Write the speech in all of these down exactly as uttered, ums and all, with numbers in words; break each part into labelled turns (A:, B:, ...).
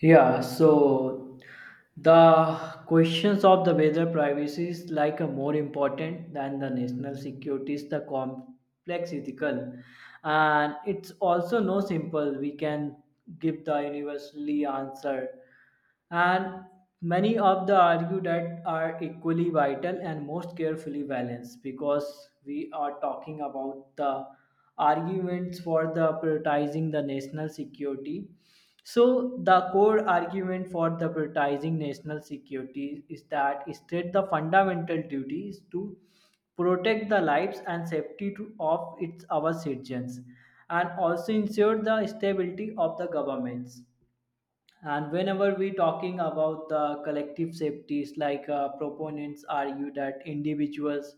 A: Yeah, so the questions of the weather privacy is like a more important than the national security is the complex ethical, and it's also no simple we can give the universally answer, and many of the argue that are equally vital and most carefully balanced because we are talking about the arguments for the prioritizing the national security. So the core argument for the prioritizing national security is that state the fundamental duty is to protect the lives and safety to, of its our citizens and also ensure the stability of the governments. And whenever we talking about the collective safeties, like, uh, proponents argue that individuals'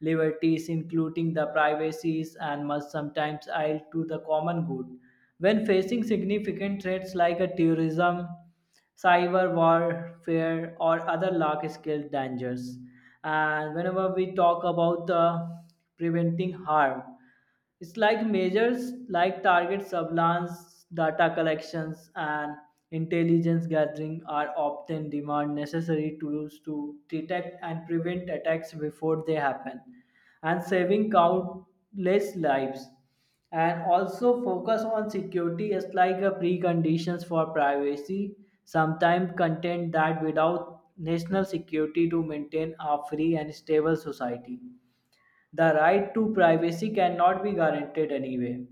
A: liberties, including the privacies, and must sometimes yield to the common good. When facing significant threats like a terrorism, cyber warfare, or other large-scale dangers, and whenever we talk about the preventing harm, it's like measures like target surveillance, data collections, and intelligence gathering are often demand necessary tools to detect and prevent attacks before they happen, and saving countless lives. And also focus on security is like a preconditions for privacy. Sometimes content that without national security to maintain a free and stable society, the right to privacy cannot be guaranteed anyway.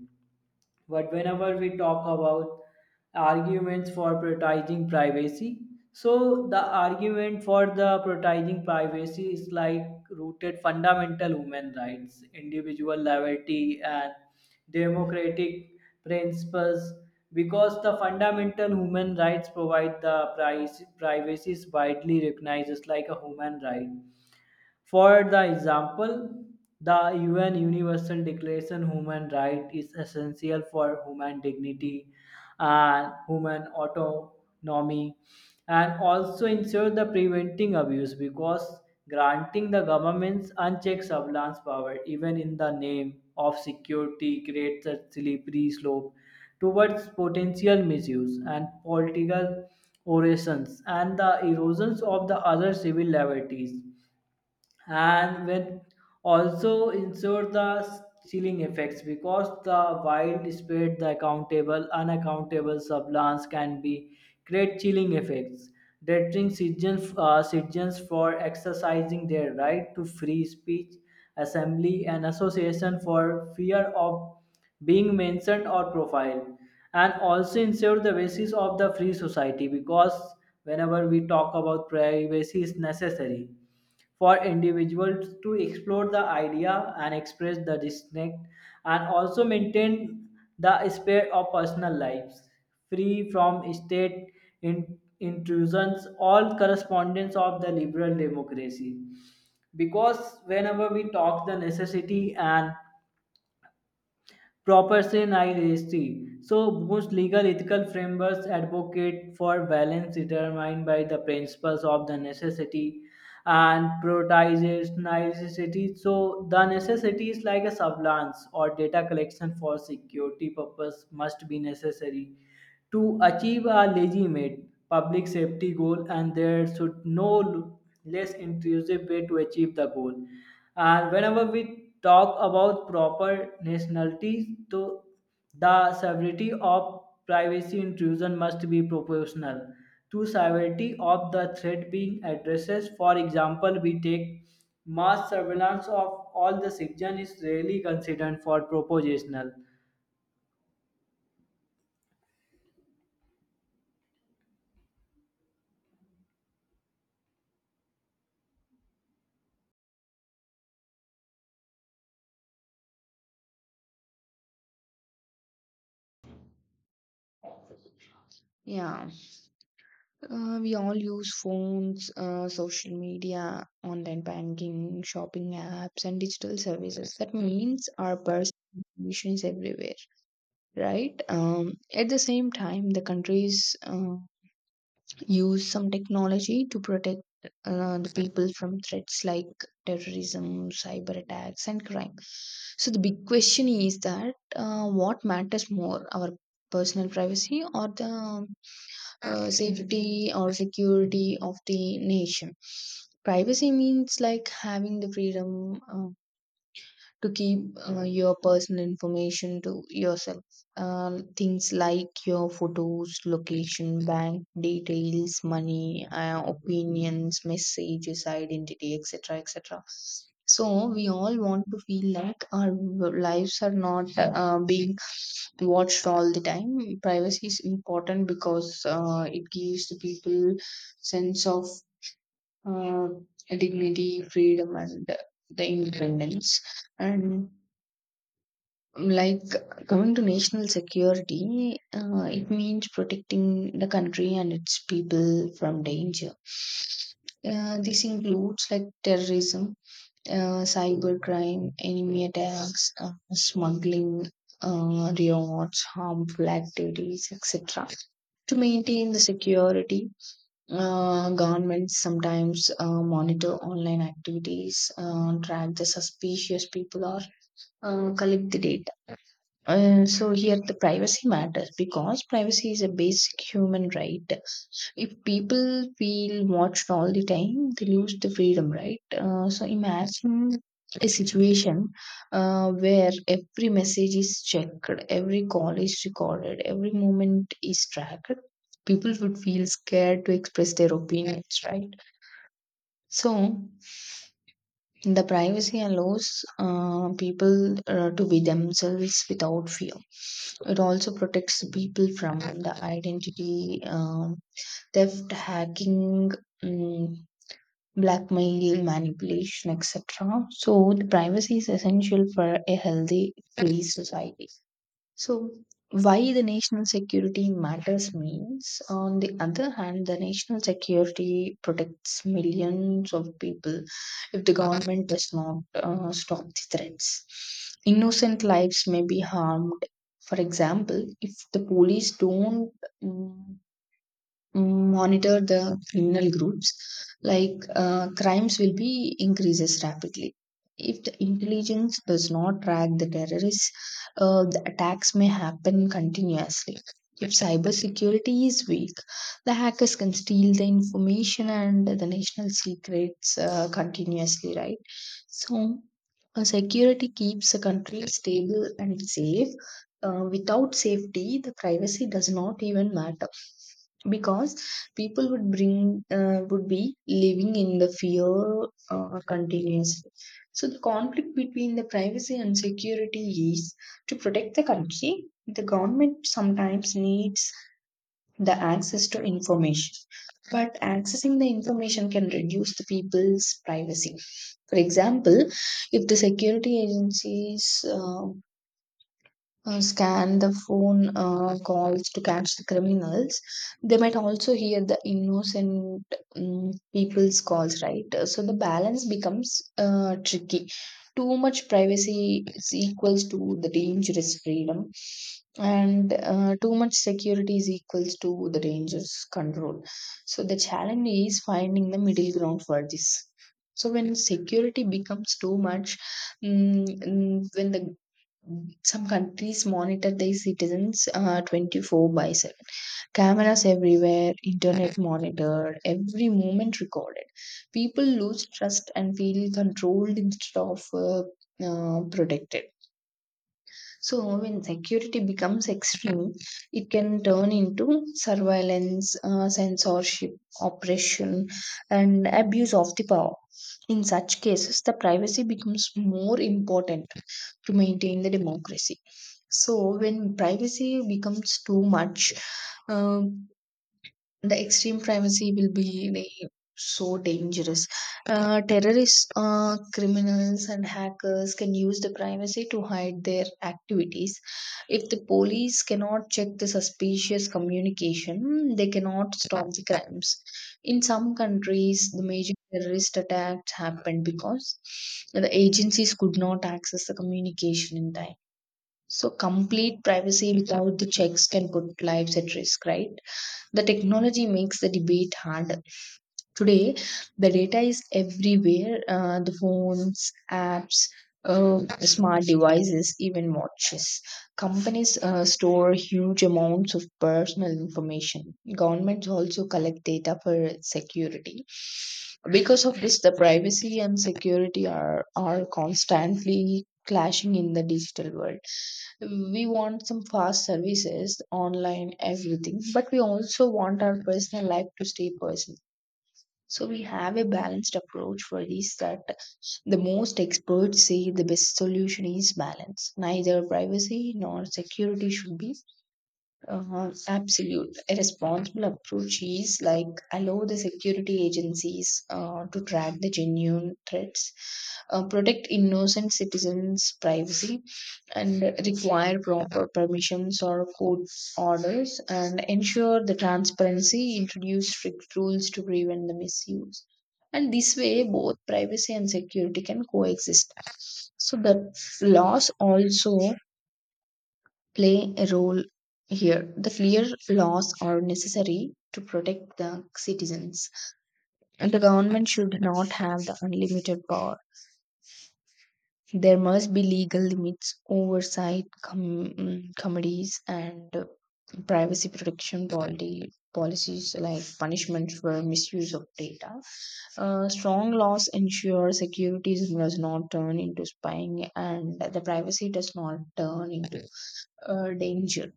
A: But whenever we talk about arguments for prioritizing privacy, so the argument for the prioritizing privacy is like rooted fundamental human rights, individual liberty, and democratic principles because the fundamental human rights provide the price privacy is widely recognized as like a human right. For the example, the U N Universal Declaration of Human Right is essential for human dignity and human autonomy, and also ensure the preventing abuse because granting the government's unchecked surveillance power even in the name of security creates a slippery slope towards potential misuse and political orations and the erosions of the other civil liberties. And when also ensure the ceiling effects because the wild spread the accountable unaccountable sublance can be create chilling effects deterring citizens, uh, citizens for exercising their right to free speech, assembly and association for fear of being mentioned or profiled, and also ensure the basis of the free society because whenever we talk about privacy is necessary for individuals to explore the idea and express the disconnect and also maintain the spirit of personal lives free from state in- intrusions all correspondence of the liberal democracy because whenever we talk the necessity and proper nihility. So most legal ethical frameworks advocate for balance determined by the principles of the necessity and prioritizes necessity. So the necessity is like a sublance or data collection for security purpose must be necessary to achieve a legitimate public safety goal, and there should no l- less intrusive way to achieve the goal. And whenever we talk about proper nationalities, to the severity of privacy intrusion must be proportional to severity of the threat being addressed. For example, we take mass surveillance of all the citizens is rarely considered for propositional.
B: Yeah, uh, we all use phones, uh, social media, online banking, shopping apps, and digital services. That means our personal information is everywhere, right? Um, at the same time, the countries uh, use some technology to protect uh, the people from threats like terrorism, cyber attacks, and crime. So the big question is that uh, what matters more, our personal privacy or the uh, safety or security of the nation? Privacy means like having the freedom uh, to keep uh, your personal information to yourself. Um, things like your photos, location, bank details, money, uh, opinions, messages, identity, et cetera et cetera. So, we all want to feel like our lives are not uh, being watched all the time. Privacy is important because uh, it gives the people sense of uh, dignity, freedom, and the independence. And like coming to national security, uh, it means protecting the country and its people from danger. Uh, this includes like terrorism, uh, cybercrime, enemy attacks, uh, smuggling, uh, riots, harmful activities, et cetera. To maintain the security, uh, governments sometimes uh, monitor online activities, uh, track the suspicious people, or uh, collect the data. Uh, so here the privacy matters because privacy is a basic human right. If people feel watched all the time, they lose the freedom, right? Uh, so imagine a situation uh, where every message is checked, every call is recorded, every moment is tracked. People would feel scared to express their opinions, right? So the privacy allows uh, people uh, to be themselves without fear. It also protects people from the identity um, theft, hacking, mm, blackmail, manipulation, et cetera. So, the privacy is essential for a healthy police society. So, why the national security matters means, on the other hand, the national security protects millions of people if the government does not uh, stop the threats. Innocent lives may be harmed. For example, if the police don't mm, monitor the criminal groups, like uh, crimes will be increases rapidly. If the intelligence does not track the terrorists, uh, the attacks may happen continuously. If cybersecurity is weak, the hackers can steal the information and the national secrets uh, continuously, right? So uh, security keeps the country stable and safe. Uh, without safety, the privacy does not even matter, because people would bring uh, would be living in the fear uh, continuously. So the conflict between the privacy and security is, to protect the country, the government sometimes needs the access to information, but accessing the information can reduce the people's privacy. For example, if the security agencies uh, uh, scan the phone uh, calls to catch the criminals. They might also hear the innocent um, people's calls, right? Uh, so the balance becomes uh, tricky. Too much privacy is equals to the dangerous freedom, and uh, too much security is equals to the dangerous control. So the challenge is finding the middle ground for this. So when security becomes too much, mm, mm, when the some countries monitor their citizens uh, twenty-four by seven. Cameras everywhere, internet monitored, every moment recorded. People lose trust and feel controlled instead of uh, uh, protected. So, when security becomes extreme, it can turn into surveillance, uh, censorship, oppression, and abuse of the power. In such cases, the privacy becomes more important to maintain the democracy. So, when privacy becomes too much, uh, the extreme privacy will be like, so dangerous. Uh, terrorists, uh, criminals, and hackers can use the privacy to hide their activities. If the police cannot check the suspicious communication, they cannot stop the crimes. In some countries, the major terrorist attacks happened because the agencies could not access the communication in time. So, complete privacy without the checks can put lives at risk, right? The technology makes the debate harder. Today, the data is everywhere, uh, the phones, apps, uh, smart devices, even watches. Companies uh, store huge amounts of personal information. Governments also collect data for security. Because of this, the privacy and security are, are constantly clashing in the digital world. We want some fast services online, everything, but we also want our personal life to stay personal. So we have a balanced approach for this, that the most experts say the best solution is balance. Neither privacy nor security should be uh, absolute. A responsible approach is like, allow the security agencies uh, to track the genuine threats, uh, protect innocent citizens' privacy, and require proper permissions or court orders, and ensure the transparency, introduce strict rules to prevent the misuse. And this way, both privacy and security can coexist. So the laws also play a role here. The clear laws are necessary to protect the citizens. The government should not have the unlimited power. There must be legal limits, oversight com- mm, committees, and uh, privacy protection policy, policies like punishment for misuse of data. Uh, strong laws ensure security does not turn into spying, and the privacy does not turn into uh, danger.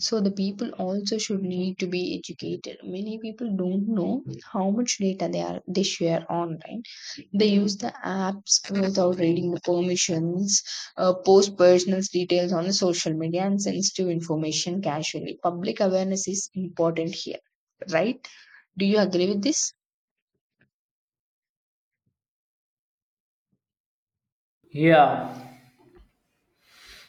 B: So the people also should need to be educated. Many people don't know how much data they are they share online. They use the apps without reading the permissions, uh, post personal details on the social media, and sensitive information casually. Public awareness is important here, right? Do you agree with this?
A: Yeah.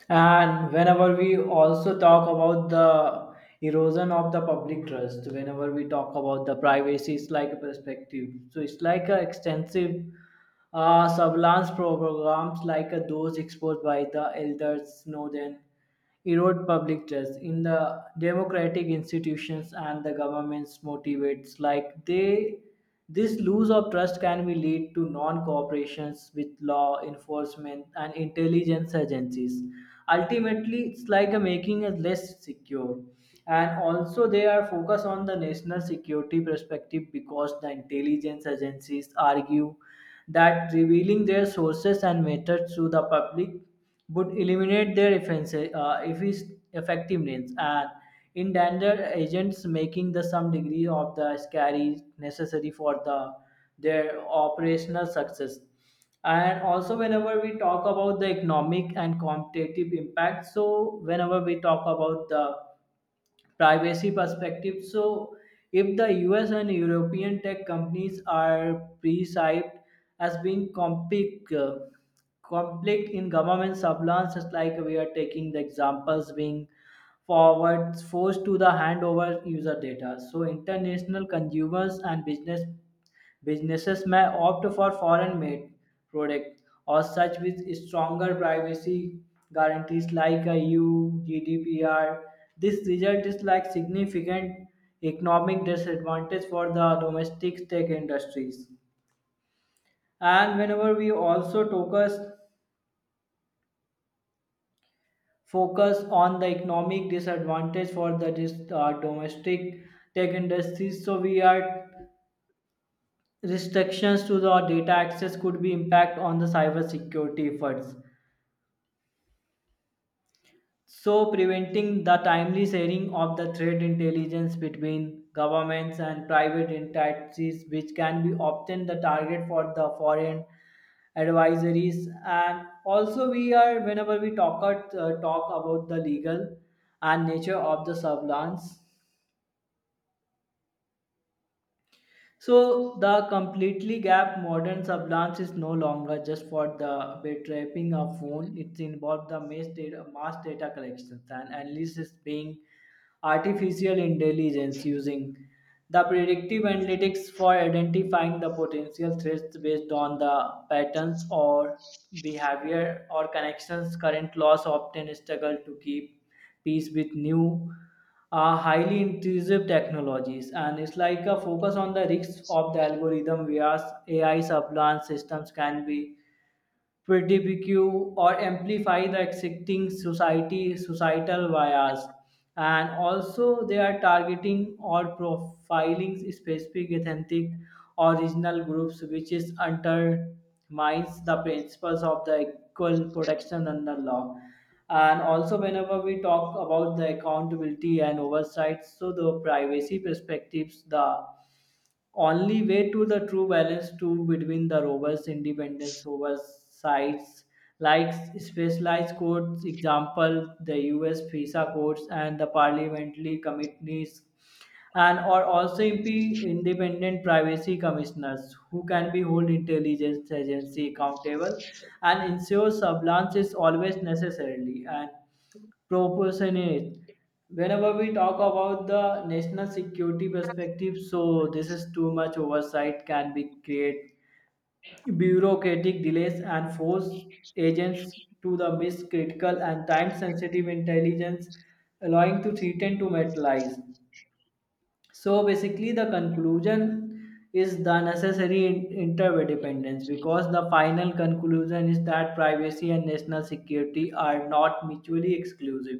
A: And whenever we also talk about the erosion of the public trust, whenever we talk about the privacy, it's like a perspective. So it's like a extensive uh, surveillance programs like uh, those exposed by the elders Snowden erode public trust in the democratic institutions and the government's motivates like they this lose of trust can be lead to non-cooperations with law enforcement and intelligence agencies, ultimately it's like a making us less secure. And also they are focused on the national security perspective because the intelligence agencies argue that revealing their sources and methods to the public would eliminate their offenses, uh, effic- effectiveness and endanger agents, making the some degree of the scary necessary for the their operational success. And also whenever we talk about the economic and competitive impact, so whenever we talk about the privacy perspective. So, if the U S and European tech companies are perceived as being complex, uh, conflict in government surveillance, just like we are taking the examples being forward forced to the handover user data. So, international consumers and business Businesses may opt for foreign made products or such with stronger privacy guarantees like a E U G D P R. This result is like significant economic disadvantage for the domestic tech industries. And whenever we also focus focus on the economic disadvantage for the dis- uh, domestic tech industries, so we are restrictions to the data access could be impact on the cyber security efforts, so preventing the timely sharing of the threat intelligence between governments and private entities which can be often the target for the foreign advisories. And also we are whenever we talk at, uh, talk about the legal and nature of the surveillance. So the completely gap modern surveillance is no longer just for the betrapping of phone. It's involved the mass data, mass data collections and analysis being artificial intelligence using the predictive analytics for identifying the potential threats based on the patterns or behavior or connections. Current laws often struggle to keep pace with new uh, highly intrusive technologies, and it's like a focus on the risks of the algorithm whereas A I surveillance systems can be predibecue or amplify the existing society societal bias and also they are targeting or profiling specific ethnic or regional groups, which is undermines the principles of the equal protection under law. And also whenever we talk about the accountability and oversight, so the privacy perspectives the only way to the true balance to between the robust independence oversights, like specialized courts example the U S fisa courts and the parliamentary committees and or also M P independent privacy commissioners who can be hold intelligence agency accountable and ensure surveillance is always necessarily and proportionate. Whenever we talk about the national security perspective, so this is too much oversight can be create bureaucratic delays and force agents to the miss critical and time sensitive intelligence, allowing to threaten to materialize. So basically, the conclusion is the necessary in- interdependence because the final conclusion is that privacy and national security are not mutually exclusive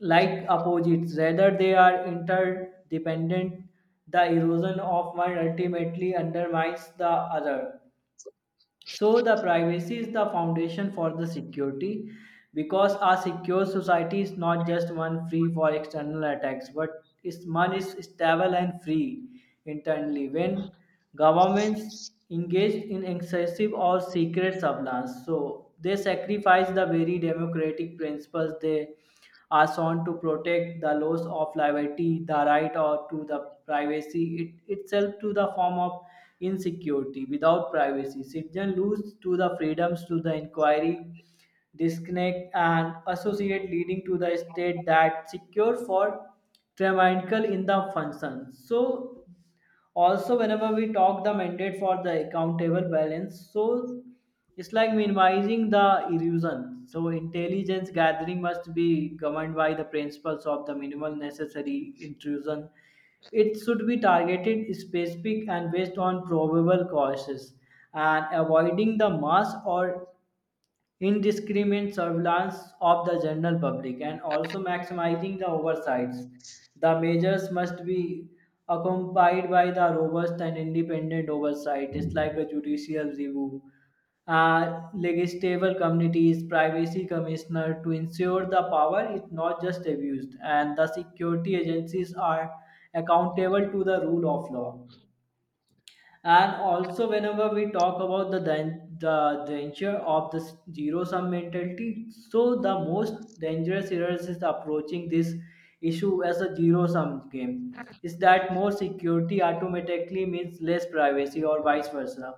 A: like opposites, rather they are interdependent. The erosion of one ultimately undermines the other, so the privacy is the foundation for the security because a secure society is not just one free for external attacks but is one is stable and free internally. When governments engage in excessive or secret surveillance, so they sacrifice the very democratic principles they are sworn to protect the loss of liberty, the right or to the privacy it, itself to the form of insecurity. Without privacy, citizens lose to the freedoms to the inquiry, disconnect and associate, leading to the state that secure for tyrannical in the function. So also whenever we talk the mandate for the accountable balance, so it's like minimizing the erosion, so intelligence gathering must be governed by the principles of the minimal necessary intrusion. It should be targeted specific and based on probable causes and avoiding the mass or indiscriminate surveillance of the general public, and also maximizing the oversights. The measures must be accompanied by the robust and independent oversight. It's like a judicial review, uh, legislative committees, privacy commissioner to ensure the power is not just abused, and the security agencies are accountable to the rule of law. And also whenever we talk about the dan- the danger of this zero sum mentality, so the most dangerous errors is approaching this issue as a zero sum game, is that more security automatically means less privacy or vice versa.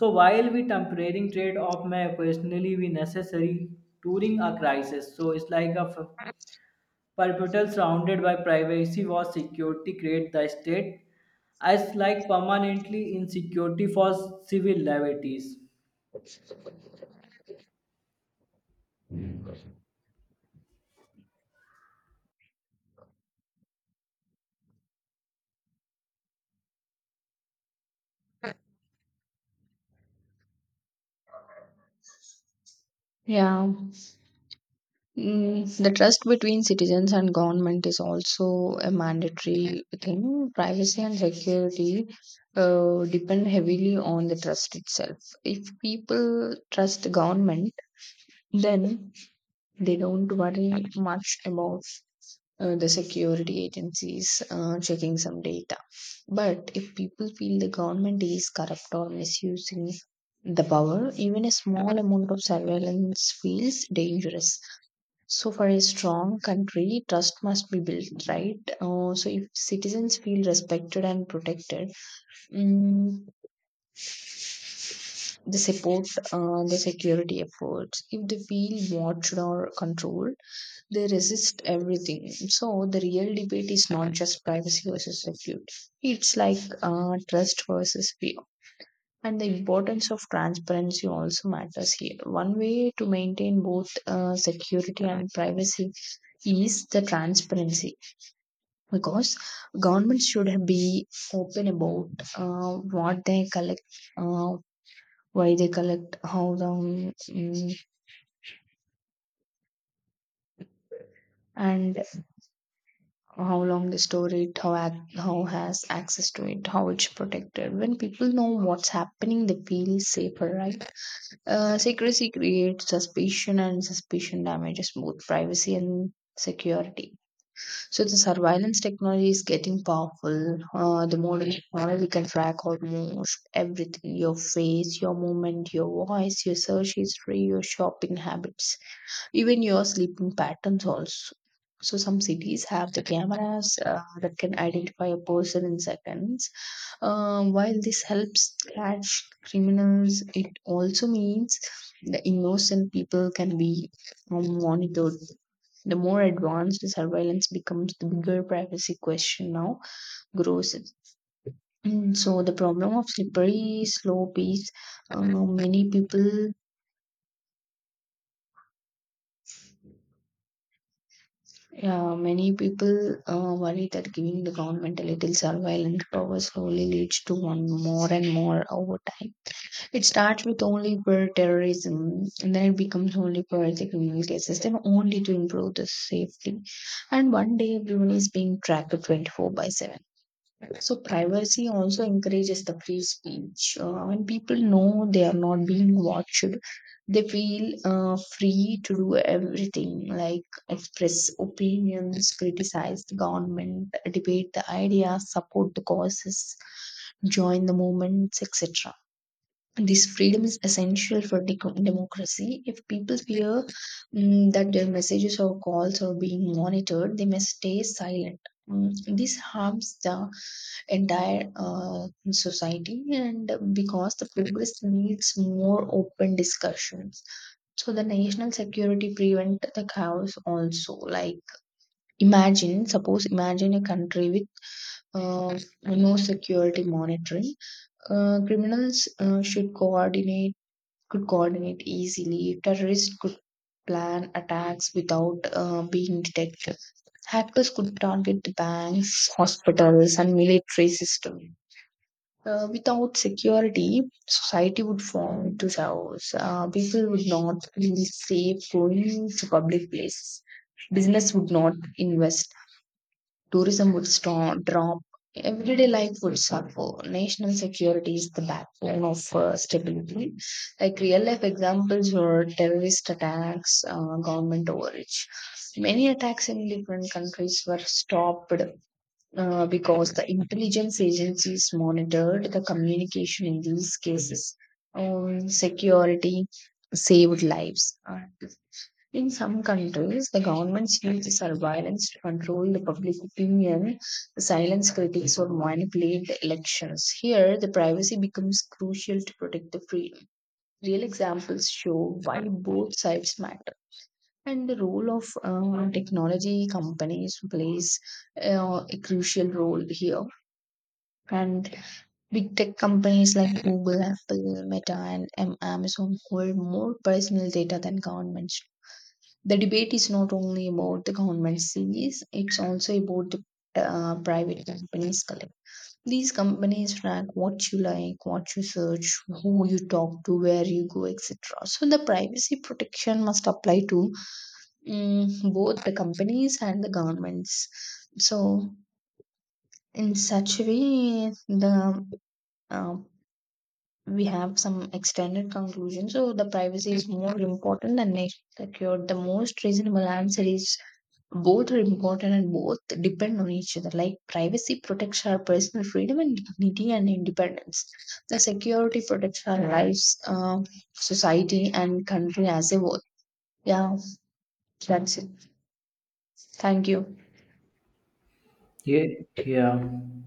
A: So while we tempering trade off may occasionally be necessary during a crisis, so it's like a f- perpetual surrounded by privacy was security create the state as like permanently insecurity for civil liberties.
B: Yeah. Mm, the trust between citizens and government is also a mandatory thing. Privacy and security uh, depend heavily on the trust itself. If people trust government, then they don't worry much about uh, the security agencies uh, checking some data. But if people feel the government is corrupt or misusing the power, even a small amount of surveillance feels dangerous. So, for a strong country, trust must be built, right? Uh, so, if citizens feel respected and protected, mm, they support uh, the security efforts. If they feel watched or controlled, they resist everything. So, the real debate is not just privacy versus security, it's like uh, trust versus fear. And the importance of transparency also matters here. One way to maintain both uh, security and privacy is the transparency, because government should be open about uh, what they collect, uh, why they collect, how long, mm, and how long they store it, how ac- how has access to it, how it's protected. When people know what's happening, they feel safer, right? uh, secrecy creates suspicion, and suspicion damages both privacy and security. So the surveillance technology is getting powerful. Uh, the more technology, we can track almost everything: your face, your movement, your voice, your search history, your shopping habits, even your sleeping patterns also. So some cities have the cameras uh, that can identify a person in seconds. Um, while this helps catch criminals, it also means the innocent people can be um, monitored. The more advanced the surveillance becomes, the bigger privacy question now grows. And so the problem of slippery slope is, uh, many people, yeah, many people uh, worry that giving the government a little surveillance power slowly leads to one more and more over time. It starts with only for terrorism, and then it becomes only for the criminal cases, then only to improve the safety. And one day everyone is being tracked twenty-four by seven. So privacy also encourages the free speech. Uh, when people know they are not being watched, they feel uh, free to do everything, like express opinions, criticize the government, debate the ideas, support the causes, join the movements, etc. This freedom is essential for deco- democracy. If people fear mm, that their messages or calls are being monitored, they may stay silent. Mm, this harms the entire uh, society, and because the progress needs more open discussions. So, the national security prevent the chaos also. Like, imagine, suppose, imagine a country with uh, no security monitoring. Uh, criminals uh, should coordinate could coordinate easily. Terrorists could plan attacks without uh, being detected. Hackers could target the banks, hospitals, and military systems. Uh, without security, society would fall into chaos. Uh, people would not feel safe going to public places. Business would not invest. Tourism would st- drop, everyday life would suffer. National security is the backbone of uh, stability. Like real life examples were terrorist attacks, uh, government overreach. Many attacks in different countries were stopped uh, because the intelligence agencies monitored the communication in these cases. Um, security saved lives. Uh, in some countries, the governments use this violence to control the public opinion, silence critics, or manipulate the elections. Here, the privacy becomes crucial to protect the freedom. Real examples show why both sides matter. And the role of uh, technology companies plays uh, a crucial role here. And big tech companies like Google, Apple, Meta, and um, Amazon hold more personal data than governments. The debate is not only about the government sees, it's also about the uh, private companies collect. These companies track what you like, what you search, who you talk to, where you go, et cetera. So the privacy protection must apply to mm, both the companies and the governments. So in such a way, the uh, we have some extended conclusion. So the privacy is more important than national secured. The most reasonable answer is both are important and both depend on each other. Like privacy protects our personal freedom and dignity and independence, the security protects our lives, uh, society and country as a whole. Yeah, that's it. Thank you.
A: Yeah, yeah.